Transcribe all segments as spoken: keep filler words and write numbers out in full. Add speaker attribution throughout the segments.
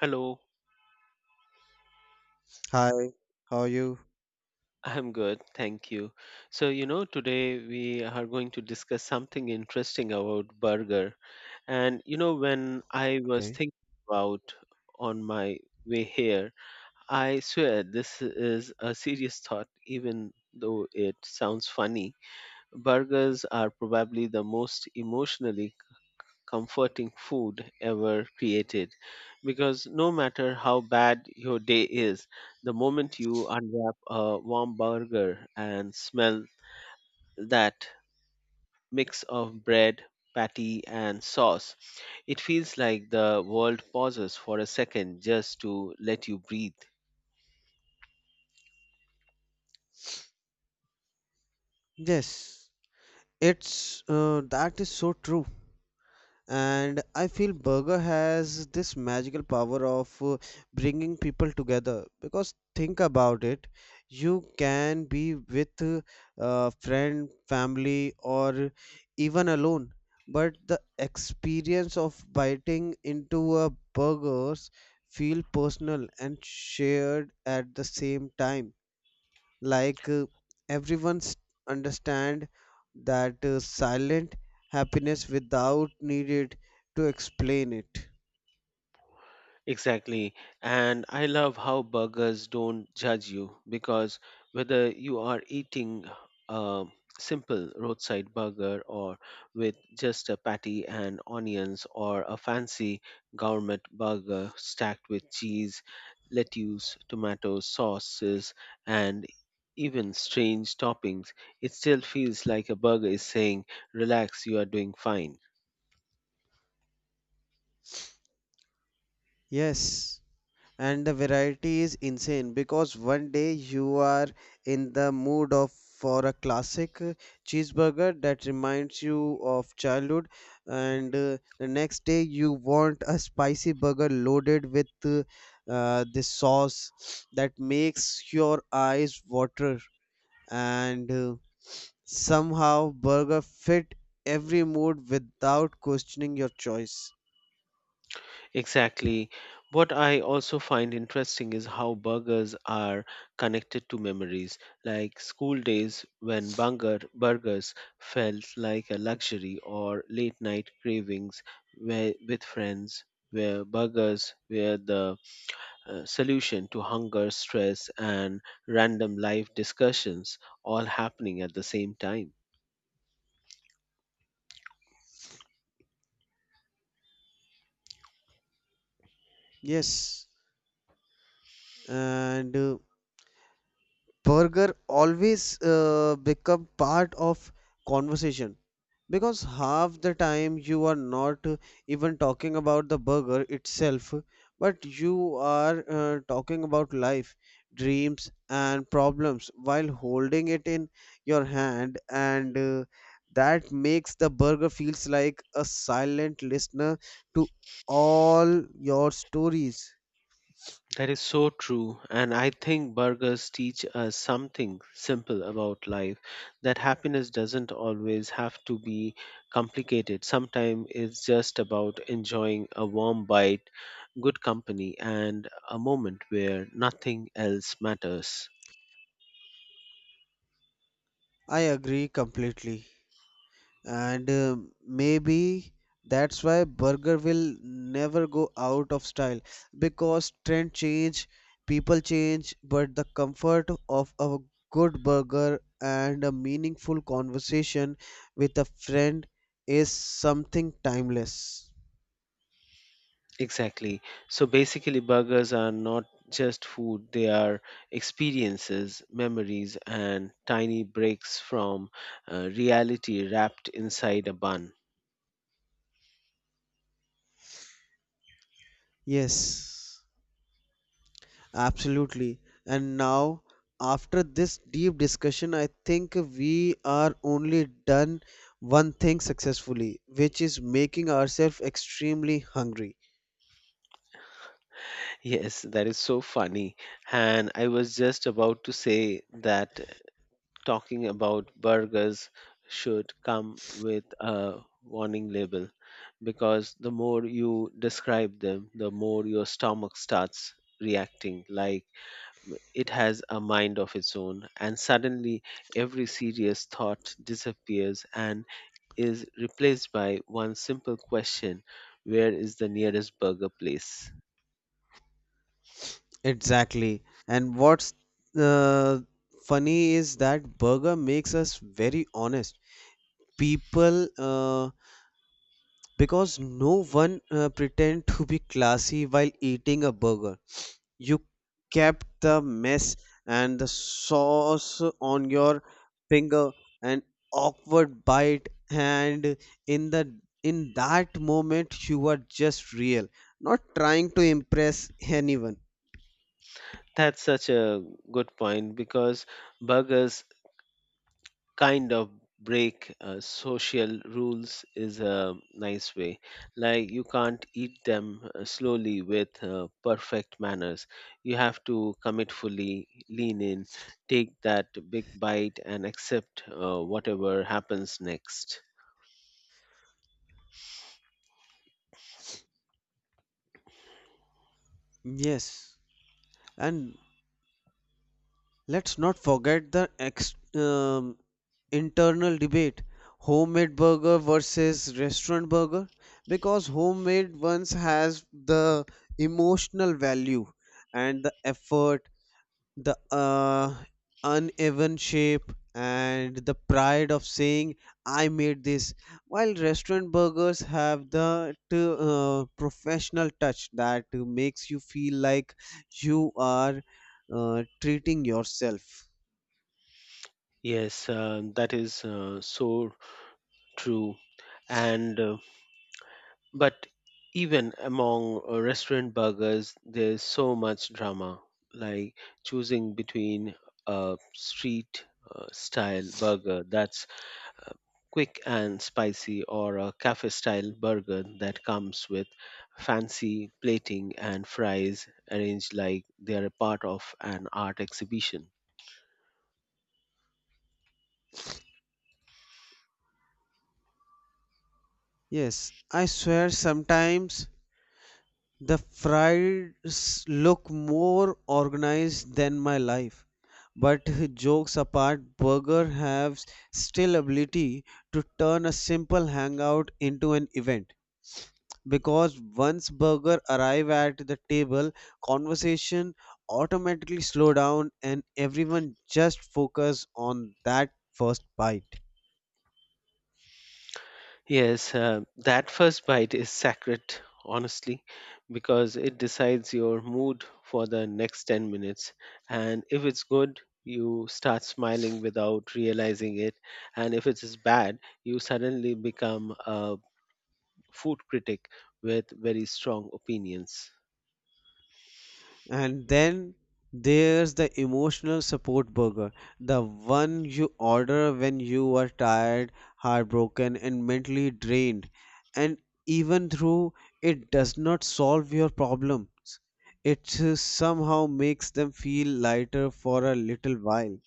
Speaker 1: Hello,
Speaker 2: Hi, how are you?
Speaker 1: I'm good. Thank you. So, you know, today we are going to discuss something interesting about burger. And, you know, when I was
Speaker 2: Okay.
Speaker 1: thinking about on my way here, I swear this is a serious thought, even though it sounds funny. Burgers are probably the most emotionally comforting food ever created because no matter how bad your day is, the moment you unwrap a warm burger and smell that mix of bread, patty, and sauce, it feels like the world pauses for a second just to let you breathe.
Speaker 2: Yes, it's uh, that is so true. And I feel burger has this magical power of uh, bringing people together because think about it, you can be with uh, a friend, family, or even alone, but the experience of biting into a burgers feel personal and shared at the same time like uh, everyone's understand that uh, silent happiness without needed to explain it.
Speaker 1: Exactly. And I love how burgers don't judge you because whether you are eating a simple roadside burger or with just a patty and onions or a fancy gourmet burger stacked with cheese, lettuce, tomatoes, sauces, and even strange toppings, it still feels like a burger is saying, "Relax, you are doing fine."
Speaker 2: Yes, and the variety is insane because one day you are in the mood of for a classic uh, cheeseburger that reminds you of childhood, and uh, the next day you want a spicy burger loaded with uh, uh, this sauce that makes your eyes water, and uh, somehow burger fit every mood without questioning your choice.
Speaker 1: Exactly. What I also find interesting is how burgers are connected to memories, like school days when burger, burgers felt like a luxury, or late night cravings where, with friends, where burgers were the uh, solution to hunger, stress, and random life discussions all happening at the same time.
Speaker 2: Yes, and uh, burger always uh, become part of conversation because half the time you are not uh, even talking about the burger itself, but you are uh, talking about life, dreams and problems while holding it in your hand, and uh, that makes the burger feels like a silent listener to all your stories.
Speaker 1: That is so true. And I think burgers teach us something simple about life, that happiness doesn't always have to be complicated. Sometimes it's just about enjoying a warm bite, good company, and a moment where nothing else matters.
Speaker 2: I agree completely, and uh, maybe that's why burger will never go out of style because trend change, people change, but the comfort of a good burger and a meaningful conversation with a friend is something timeless.
Speaker 1: Exactly. So basically, burgers are not just food, they are experiences, memories, and tiny breaks from uh, reality wrapped inside a bun.
Speaker 2: Yes. Absolutely. And now, after this deep discussion, I think we are only done one thing successfully, which is making ourselves extremely hungry.
Speaker 1: Yes, that is so funny. And I was just about to say that talking about burgers should come with a warning label because the more you describe them, the more your stomach starts reacting like it has a mind of its own. And suddenly, every serious thought disappears and is replaced by one simple question: where is the nearest burger place?
Speaker 2: Exactly. And what's uh, funny is that burger makes us very honest. People, uh, because no one uh, pretend to be classy while eating a burger. You kept the mess and the sauce on your finger, an awkward bite, and in the in that moment you were just real, not trying to impress anyone.
Speaker 1: That's such a good point because burgers kind of break uh, social rules is a nice way. Like you can't eat them uh, slowly with uh, perfect manners. You have to commit fully, lean in, take that big bite, and accept uh, whatever happens next.
Speaker 2: Yes, and let's not forget the ex- um, internal debate: homemade burger versus restaurant burger, because homemade ones has the emotional value and the effort, the uh, uneven shape and the pride of saying I made this, while restaurant burgers have the uh, professional touch that makes you feel like you are uh, treating yourself.
Speaker 1: Yes, uh, that is uh, so true. And uh, But even among uh, restaurant burgers, there's so much drama, like choosing between a street uh, style burger that's uh, quick and spicy, or a cafe style burger that comes with fancy plating and fries arranged like they're a part of an art exhibition.
Speaker 2: Yes, I swear sometimes the fries look more organized than my life. But jokes apart, burger has still ability to turn a simple hangout into an event. Because once burger arrive at the table, conversation automatically slow down and everyone just focus on that first bite.
Speaker 1: Yes, uh, that first bite is sacred, honestly, because it decides your mood for the next ten minutes. And if it's good, you start smiling without realizing it. And if it is bad, you suddenly become a food critic with very strong opinions.
Speaker 2: And then there's the emotional support burger, the one you order when you are tired, heartbroken, and mentally drained. And even though it does not solve your problems, it uh, somehow makes them feel lighter for a little while.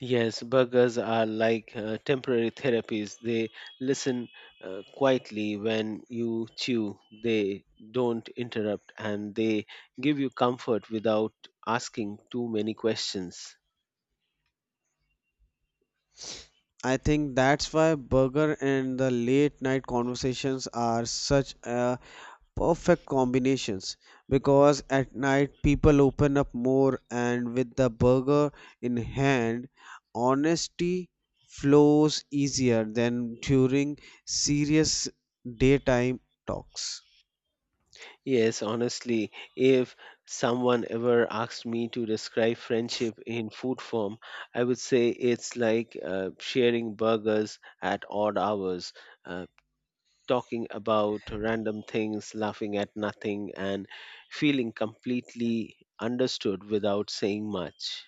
Speaker 1: Yes, burgers are like uh, temporary therapies. They listen uh, quietly when you chew, they don't interrupt, and they give you comfort without asking too many questions.
Speaker 2: I think that's why burger and the late night conversations are such a perfect combinations, because at night people open up more, and with the burger in hand honesty flows easier than during serious daytime talks.
Speaker 1: Yes, honestly, if someone ever asked me to describe friendship in food form, I would say it's like uh, sharing burgers at odd hours, uh, talking about random things, laughing at nothing, and feeling completely understood without saying much.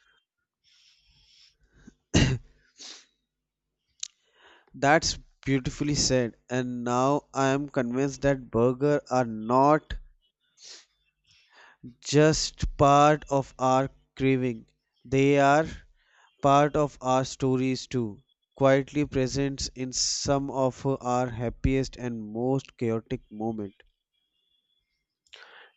Speaker 2: That's beautifully said, and now I am convinced that burgers are not just part of our craving, they are part of our stories too, quietly present in some of our happiest and most chaotic moment.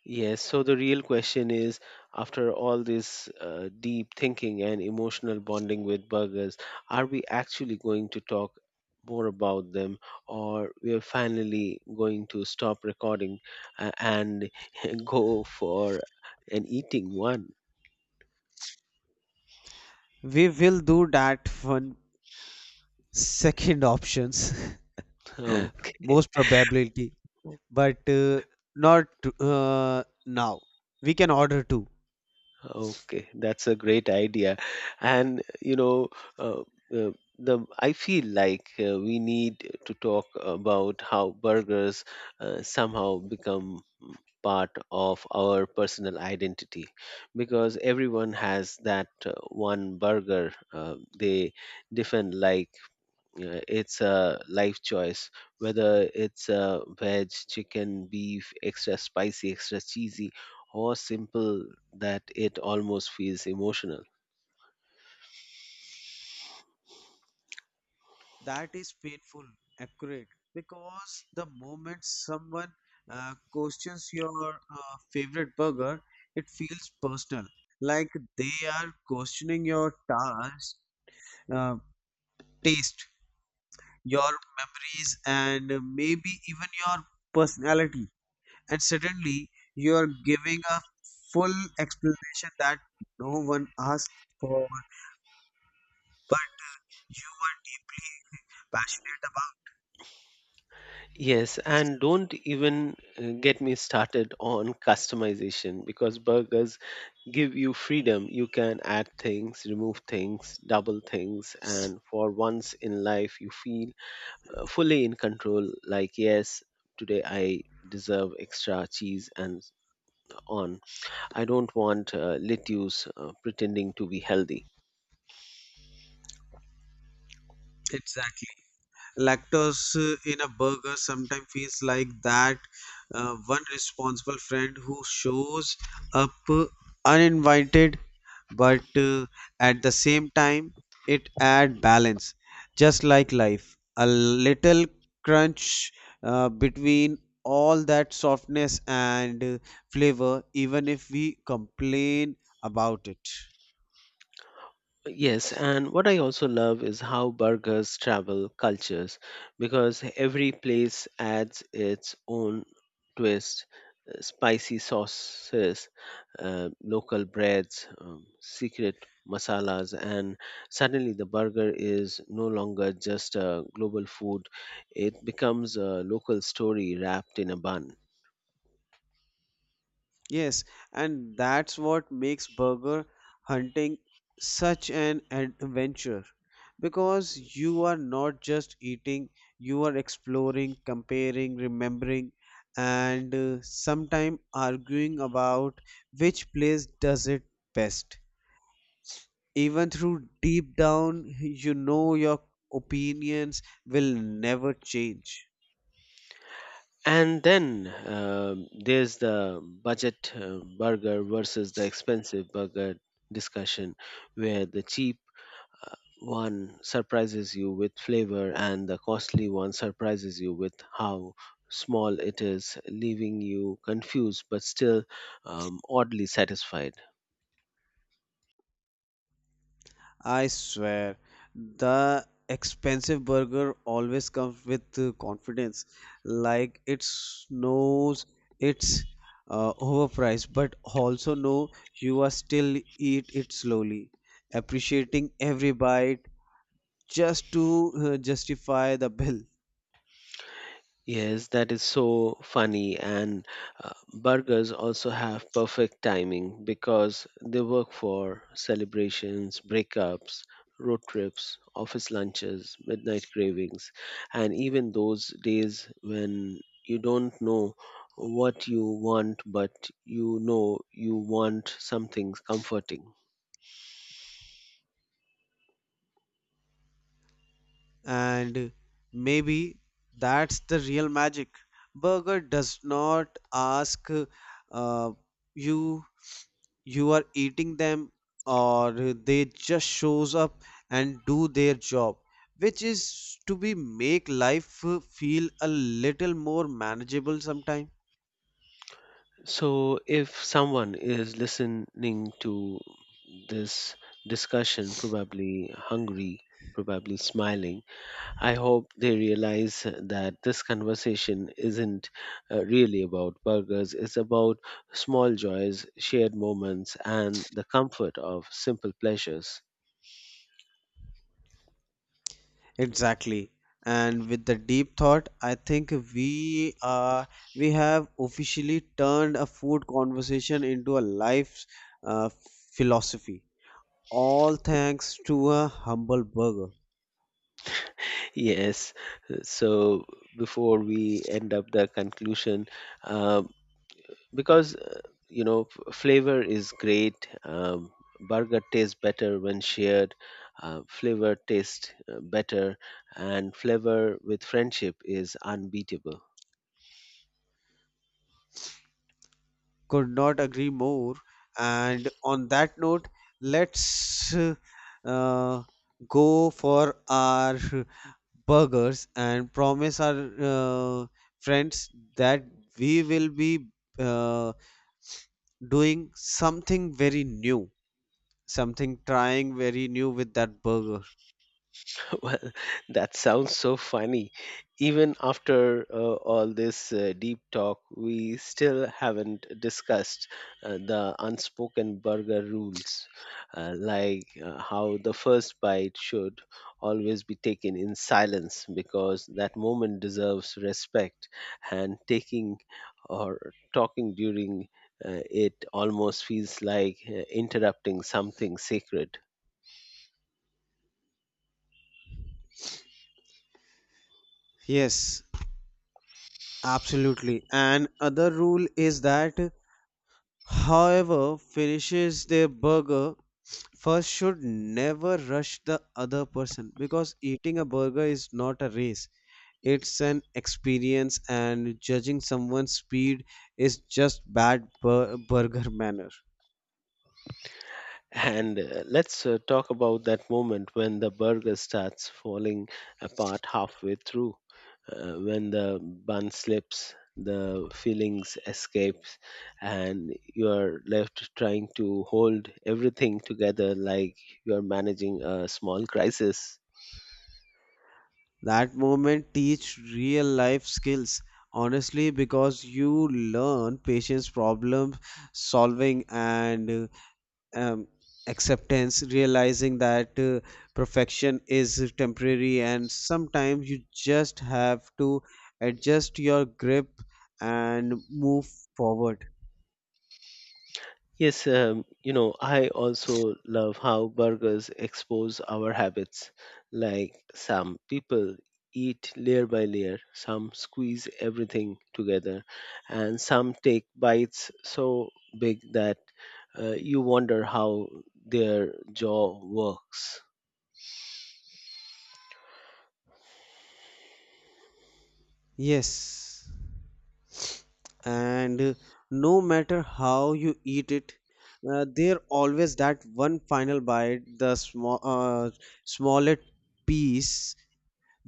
Speaker 1: Yes, so the real question is, after all this uh, deep thinking and emotional bonding with burgers, are we actually going to talk more about them, or we are finally going to stop recording uh, and go for an eating one?
Speaker 2: We will do that one second options,
Speaker 1: Okay.
Speaker 2: most probability, but uh, not uh, now. We can order two.
Speaker 1: Okay, that's a great idea. And you know, uh, uh, the I feel like uh, we need to talk about how burgers uh, somehow become mm, part of our personal identity, because everyone has that uh, one burger uh, they defend like uh, it's a life choice, whether it's a veg, chicken, beef, extra spicy, extra cheesy, or simple, that it almost feels emotional.
Speaker 2: That is painful accurate because the moment someone uh, questions your uh, favorite burger, it feels personal, like they are questioning your task, uh, taste, your memories and maybe even your personality, and suddenly you are giving a full explanation that no one asked for, but you were deeply passionate about.
Speaker 1: Yes, and don't even uh, get me started on customization, because burgers give you freedom. You can add things, remove things, double things, and for once in life you feel uh, fully in control, like, yes, today I deserve extra cheese, and on I don't want uh, lettuce uh, pretending to be healthy.
Speaker 2: Exactly. Lactose uh, in a burger sometimes feels like that uh, one responsible friend who shows up uh, uninvited, but uh, at the same time, it add balance, just like life. A little crunch uh, between all that softness and uh, flavor, even if we complain about it.
Speaker 1: Yes, and what I also love is how burgers travel cultures, because every place adds its own twist. uh, Spicy sauces, uh, local breads, um, secret masalas, and suddenly the burger is no longer just a global food. It becomes a local story wrapped in a bun.
Speaker 2: Yes, and that's what makes burger hunting such an adventure, because you are not just eating, you are exploring, comparing, remembering, and uh, sometimes arguing about which place does it best. Even through deep down, you know your opinions will never change.
Speaker 1: And then um there's the budget uh, burger versus the expensive burger discussion, where the cheap uh, one surprises you with flavor and the costly one surprises you with how small it is, leaving you confused but still um, oddly satisfied.
Speaker 2: I swear, the expensive burger always comes with uh, confidence, like it knows it's uh, overpriced, but also know you are still eat it slowly, appreciating every bite just to uh, justify the bill.
Speaker 1: Yes, that is so funny. And uh, burgers also have perfect timing because they work for celebrations, breakups, road trips, office lunches, midnight cravings, and even those days when you don't know what you want, but you know you want something comforting.
Speaker 2: And maybe that's the real magic. Burger does not ask uh, you you are eating them, or they just shows up and do their job, which is to be make life uh, feel a little more manageable sometime.
Speaker 1: So, if someone is listening to this discussion, probably hungry, probably smiling, I hope they realize that this conversation isn't uh, really about burgers. It's about small joys, shared moments, and the comfort of simple pleasures.
Speaker 2: Exactly, and with the deep thought I think we are we have officially turned a food conversation into a life uh, philosophy, all thanks to a humble burger.
Speaker 1: Yes. So before we end up the conclusion, um, because uh, you know f- flavor is great, um, burger tastes better when shared, uh, flavor tastes uh, better, and flavor with friendship is unbeatable.
Speaker 2: Could not agree more. And on that note, let's uh, uh, go for our burgers and promise our uh, friends that we will be uh, doing something very new, something trying very new with that burger.
Speaker 1: Well, that sounds so funny. Even after uh, all this uh, deep talk, we still haven't discussed uh, the unspoken burger rules, uh, like uh, how the first bite should always be taken in silence because that moment deserves respect, and taking or talking during uh, it almost feels like uh, interrupting something sacred.
Speaker 2: Yes, absolutely. And other rule is that however finishes their burger first should never rush the other person, because eating a burger is not a race, it's an experience, and judging someone's speed is just bad bur- burger manner.
Speaker 1: And uh, let's uh, talk about that moment when the burger starts falling apart halfway through. Uh, when the bun slips, the fillings escapes, and you are left trying to hold everything together like you are managing a small crisis.
Speaker 2: That moment teach real life skills, honestly, because you learn patience, problem solving, and um, acceptance, realizing that uh, perfection is temporary, and sometimes you just have to adjust your grip and move forward.
Speaker 1: Yes, um, you know, I also love how burgers expose our habits. Like some people eat layer by layer, some squeeze everything together, and some take bites so big that uh, you wonder how their jaw works.
Speaker 2: Yes, and uh, no matter how you eat it, uh, there always that one final bite, the small, uh, smallest piece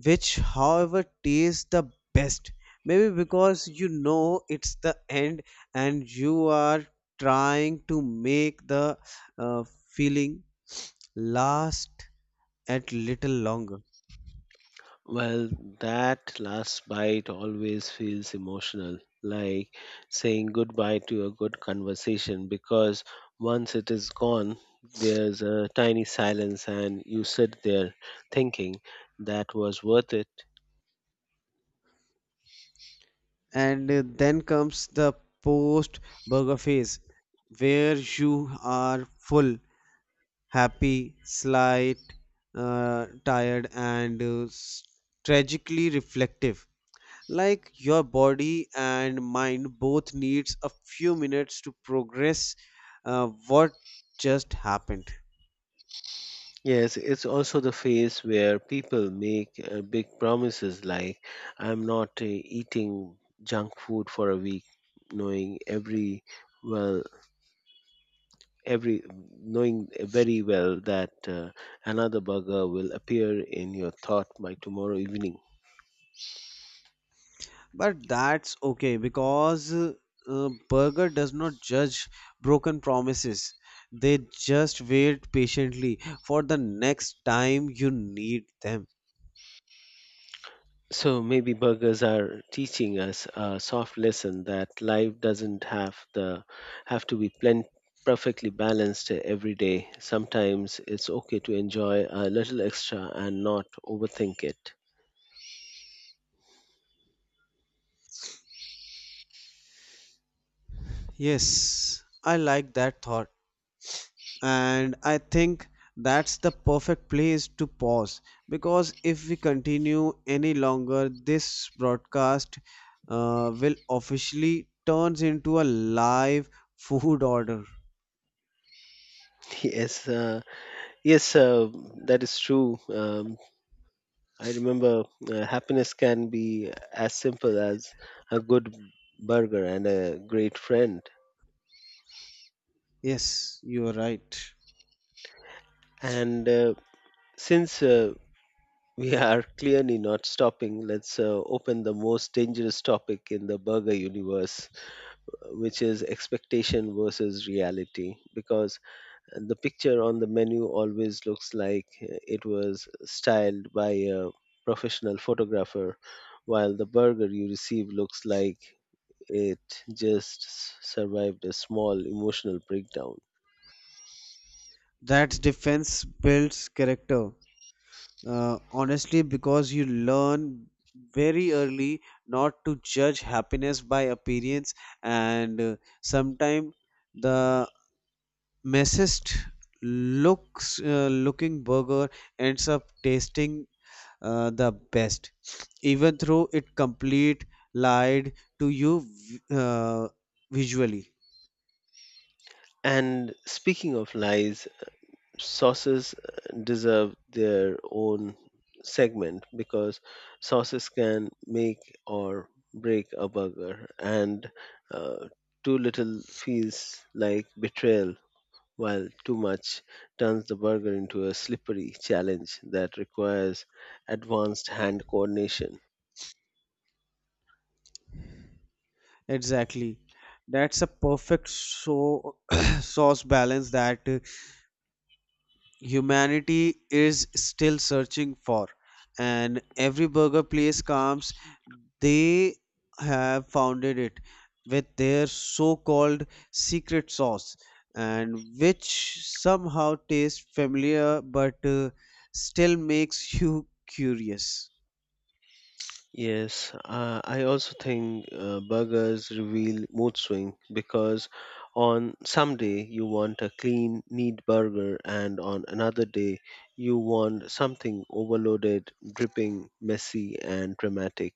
Speaker 2: which however tastes the best, maybe because you know it's the end and you are trying to make the uh, feeling last at little longer.
Speaker 1: Well, that last bite always feels emotional, like saying goodbye to a good conversation, because once it is gone, there's a tiny silence and you sit there thinking, that was worth it.
Speaker 2: And uh, then comes the post burger phase where you are full, happy, slight uh, tired, and uh, s- tragically reflective, like your body and mind both needs a few minutes to progress uh, what just happened.
Speaker 1: Yes, it's also the phase where people make uh, big promises like, I'm not uh, eating junk food for a week, knowing every well every knowing very well that uh, another burger will appear in your thought by tomorrow evening.
Speaker 2: But that's okay because uh, uh, burger does not judge broken promises, they just wait patiently for the next time you need them.
Speaker 1: So maybe burgers are teaching us a soft lesson, that life doesn't have the have to be plen- perfectly balanced every day. Sometimes it's okay to enjoy a little extra and not overthink it.
Speaker 2: Yes, I like that thought, and I think that's the perfect place to pause because if we continue any longer this broadcast uh, will officially turns into a live food order.
Speaker 1: yes uh, yes uh, that is true. um, I remember uh, happiness can be as simple as a good burger and a great friend.
Speaker 2: Yes, you are right.
Speaker 1: And uh, since uh, we are clearly not stopping, let's uh, open the most dangerous topic in the burger universe, which is expectation versus reality. Because the picture on the menu always looks like it was styled by a professional photographer, while the burger you receive looks like it just s- survived a small emotional breakdown.
Speaker 2: That's defense builds character, uh, honestly, because you learn very early not to judge happiness by appearance, and uh, sometimes the messiest looks uh, looking burger ends up tasting uh, the best, even though it complete lied to you v- uh, visually.
Speaker 1: And speaking of lies, sauces uh, deserve their own segment, because sauces can make or break a burger, and uh, too little feels like betrayal, while too much turns the burger into a slippery challenge that requires advanced hand coordination.
Speaker 2: Exactly, that's a perfect so sauce balance that humanity is still searching for, and every burger place comes they have founded it with their so-called secret sauce, and which somehow tastes familiar but uh, still makes you curious.
Speaker 1: Yes, uh, I also think uh, burgers reveal mood swing, because on some day you want a clean, neat burger, and on another day you want something overloaded, dripping, messy, and dramatic,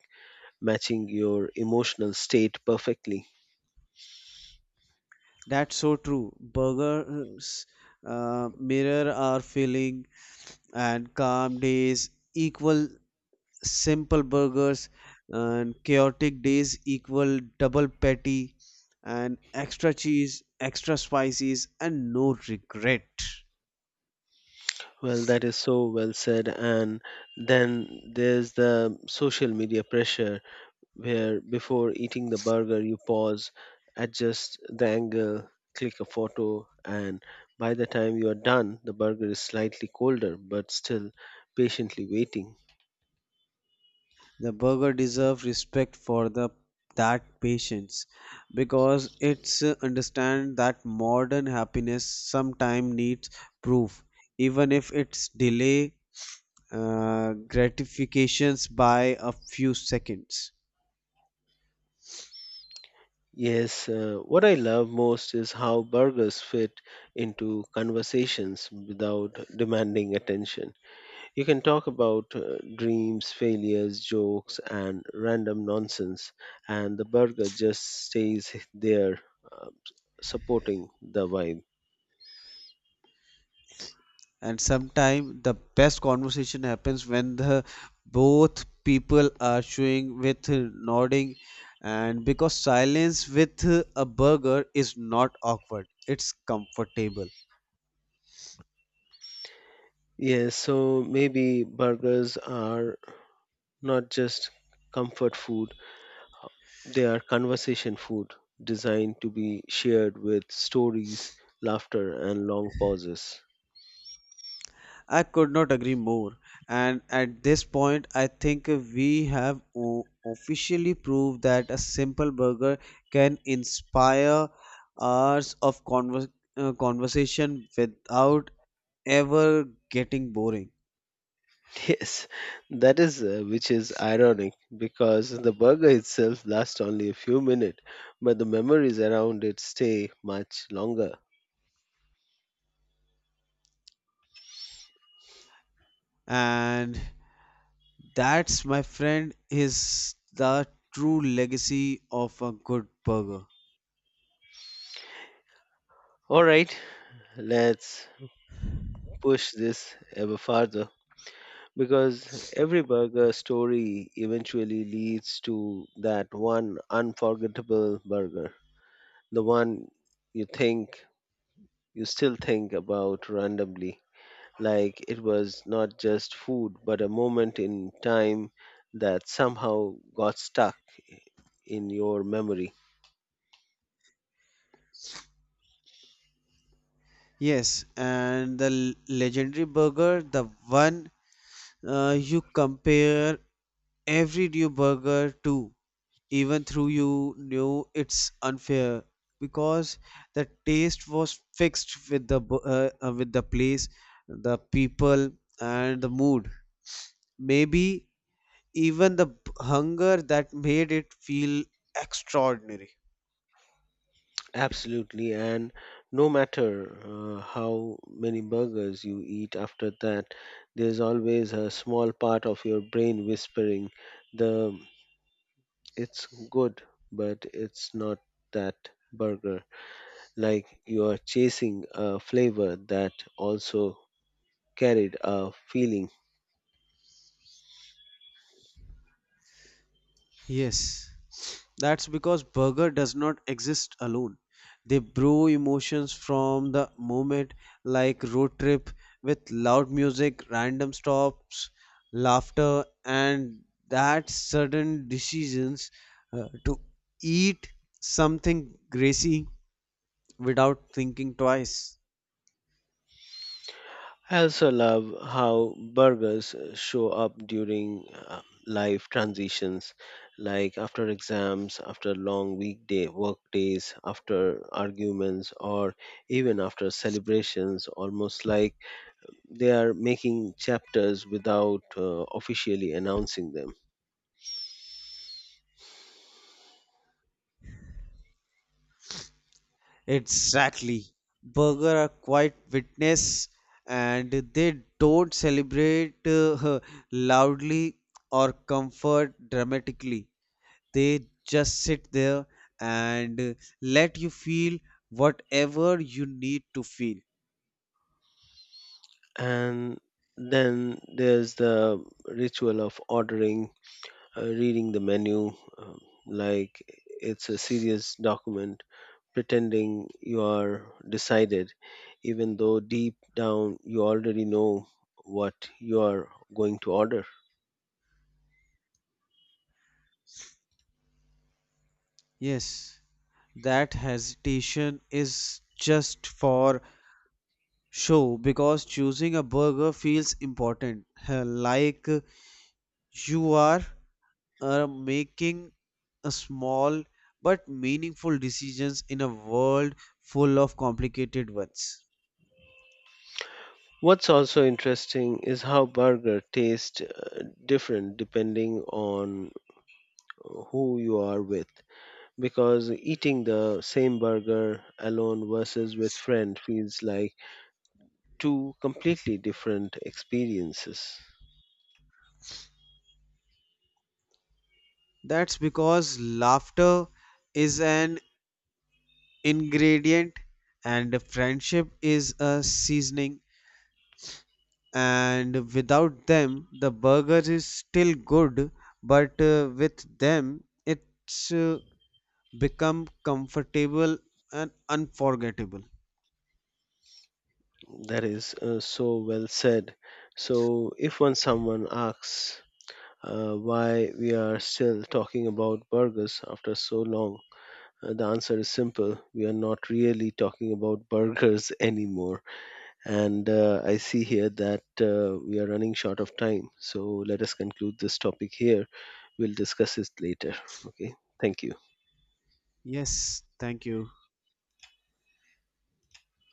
Speaker 1: matching your emotional state perfectly.
Speaker 2: That's so true, burgers uh, mirror our feeling, and calm days equal simple burgers, and chaotic days equal double patty and extra cheese, extra spices, and no regret.
Speaker 1: Well, that is so well said. And then there's the social media pressure where before eating the burger you pause, adjust the angle, click a photo, and by the time you are done, the burger is slightly colder but still patiently waiting.
Speaker 2: The burger deserves respect for the that patience, because it's uh, understand that modern happiness sometime needs proof even if it's delay uh, gratifications by a few seconds.
Speaker 1: Yes, uh, what I love most is how burgers fit into conversations without demanding attention. You can talk about uh, dreams, failures, jokes, and random nonsense, and the burger just stays there, uh, supporting the vibe.
Speaker 2: And sometimes the best conversation happens when the both people are showing with nodding, and because silence with a burger is not awkward, it's comfortable.
Speaker 1: Yes, so maybe burgers are not just comfort food, they are conversation food designed to be shared with stories, laughter, and long pauses.
Speaker 2: I could not agree more, and at this point I think we have o- officially proved that a simple burger can inspire hours of conver- uh, conversation without ever getting boring.
Speaker 1: Yes, that is, uh, which is ironic because the burger itself lasts only a few minutes, but the memories around it stay much longer.
Speaker 2: And that's, my friend, is the true legacy of a good burger.
Speaker 1: All right, let's push this ever farther, because every burger story eventually leads to that one unforgettable burger, the one you think you still think about randomly, like it was not just food but a moment in time that somehow got stuck in your memory.
Speaker 2: Yes, and the l- legendary burger, the one uh, you compare every new burger to, even through you knew it's unfair because the taste was fixed with the bu- uh, uh, with the place, the people, and the mood. Maybe even the b- hunger that made it feel extraordinary.
Speaker 1: Absolutely, and no matter uh, how many burgers you eat after that, there's always a small part of your brain whispering, the it's good, but it's not that burger. Like you're chasing a flavor that also carried a feeling.
Speaker 2: Yes, that's because burger does not exist alone. They brew emotions from the moment, like road trip with loud music, random stops, laughter, and that sudden decisions uh, to eat something greasy without thinking twice.
Speaker 1: I also love how burgers show up during uh, life transitions, like after exams, after long weekday work days, after arguments, or even after celebrations, almost like they are making chapters without uh, officially announcing them.
Speaker 2: Exactly. Burger are quite witness, and they don't celebrate uh, loudly or comfort dramatically. They just sit there and let you feel whatever you need to feel.
Speaker 1: And then there's the ritual of ordering, uh, reading the menu um, like it's a serious document, pretending you are decided, even though deep down you already know what you are going to order.
Speaker 2: Yes, that hesitation is just for show because choosing a burger feels important, like you are uh, making a small but meaningful decisions in a world full of complicated ones.
Speaker 1: What's also interesting is how burger taste uh, different depending on who you are with, because eating the same burger alone versus with friend feels like two completely different experiences.
Speaker 2: That's because laughter is an ingredient and friendship is a seasoning, and without them, the burger is still good, but uh, with them, it's uh, become comfortable and unforgettable.
Speaker 1: That is uh, so well said. So, if one someone asks uh, why we are still talking about burgers after so long, uh, the answer is simple. We are not really talking about burgers anymore. And uh, I see here that uh, we are running short of time. So, let us conclude this topic here. We'll discuss it later. Okay. Thank you.
Speaker 2: Yes, thank you.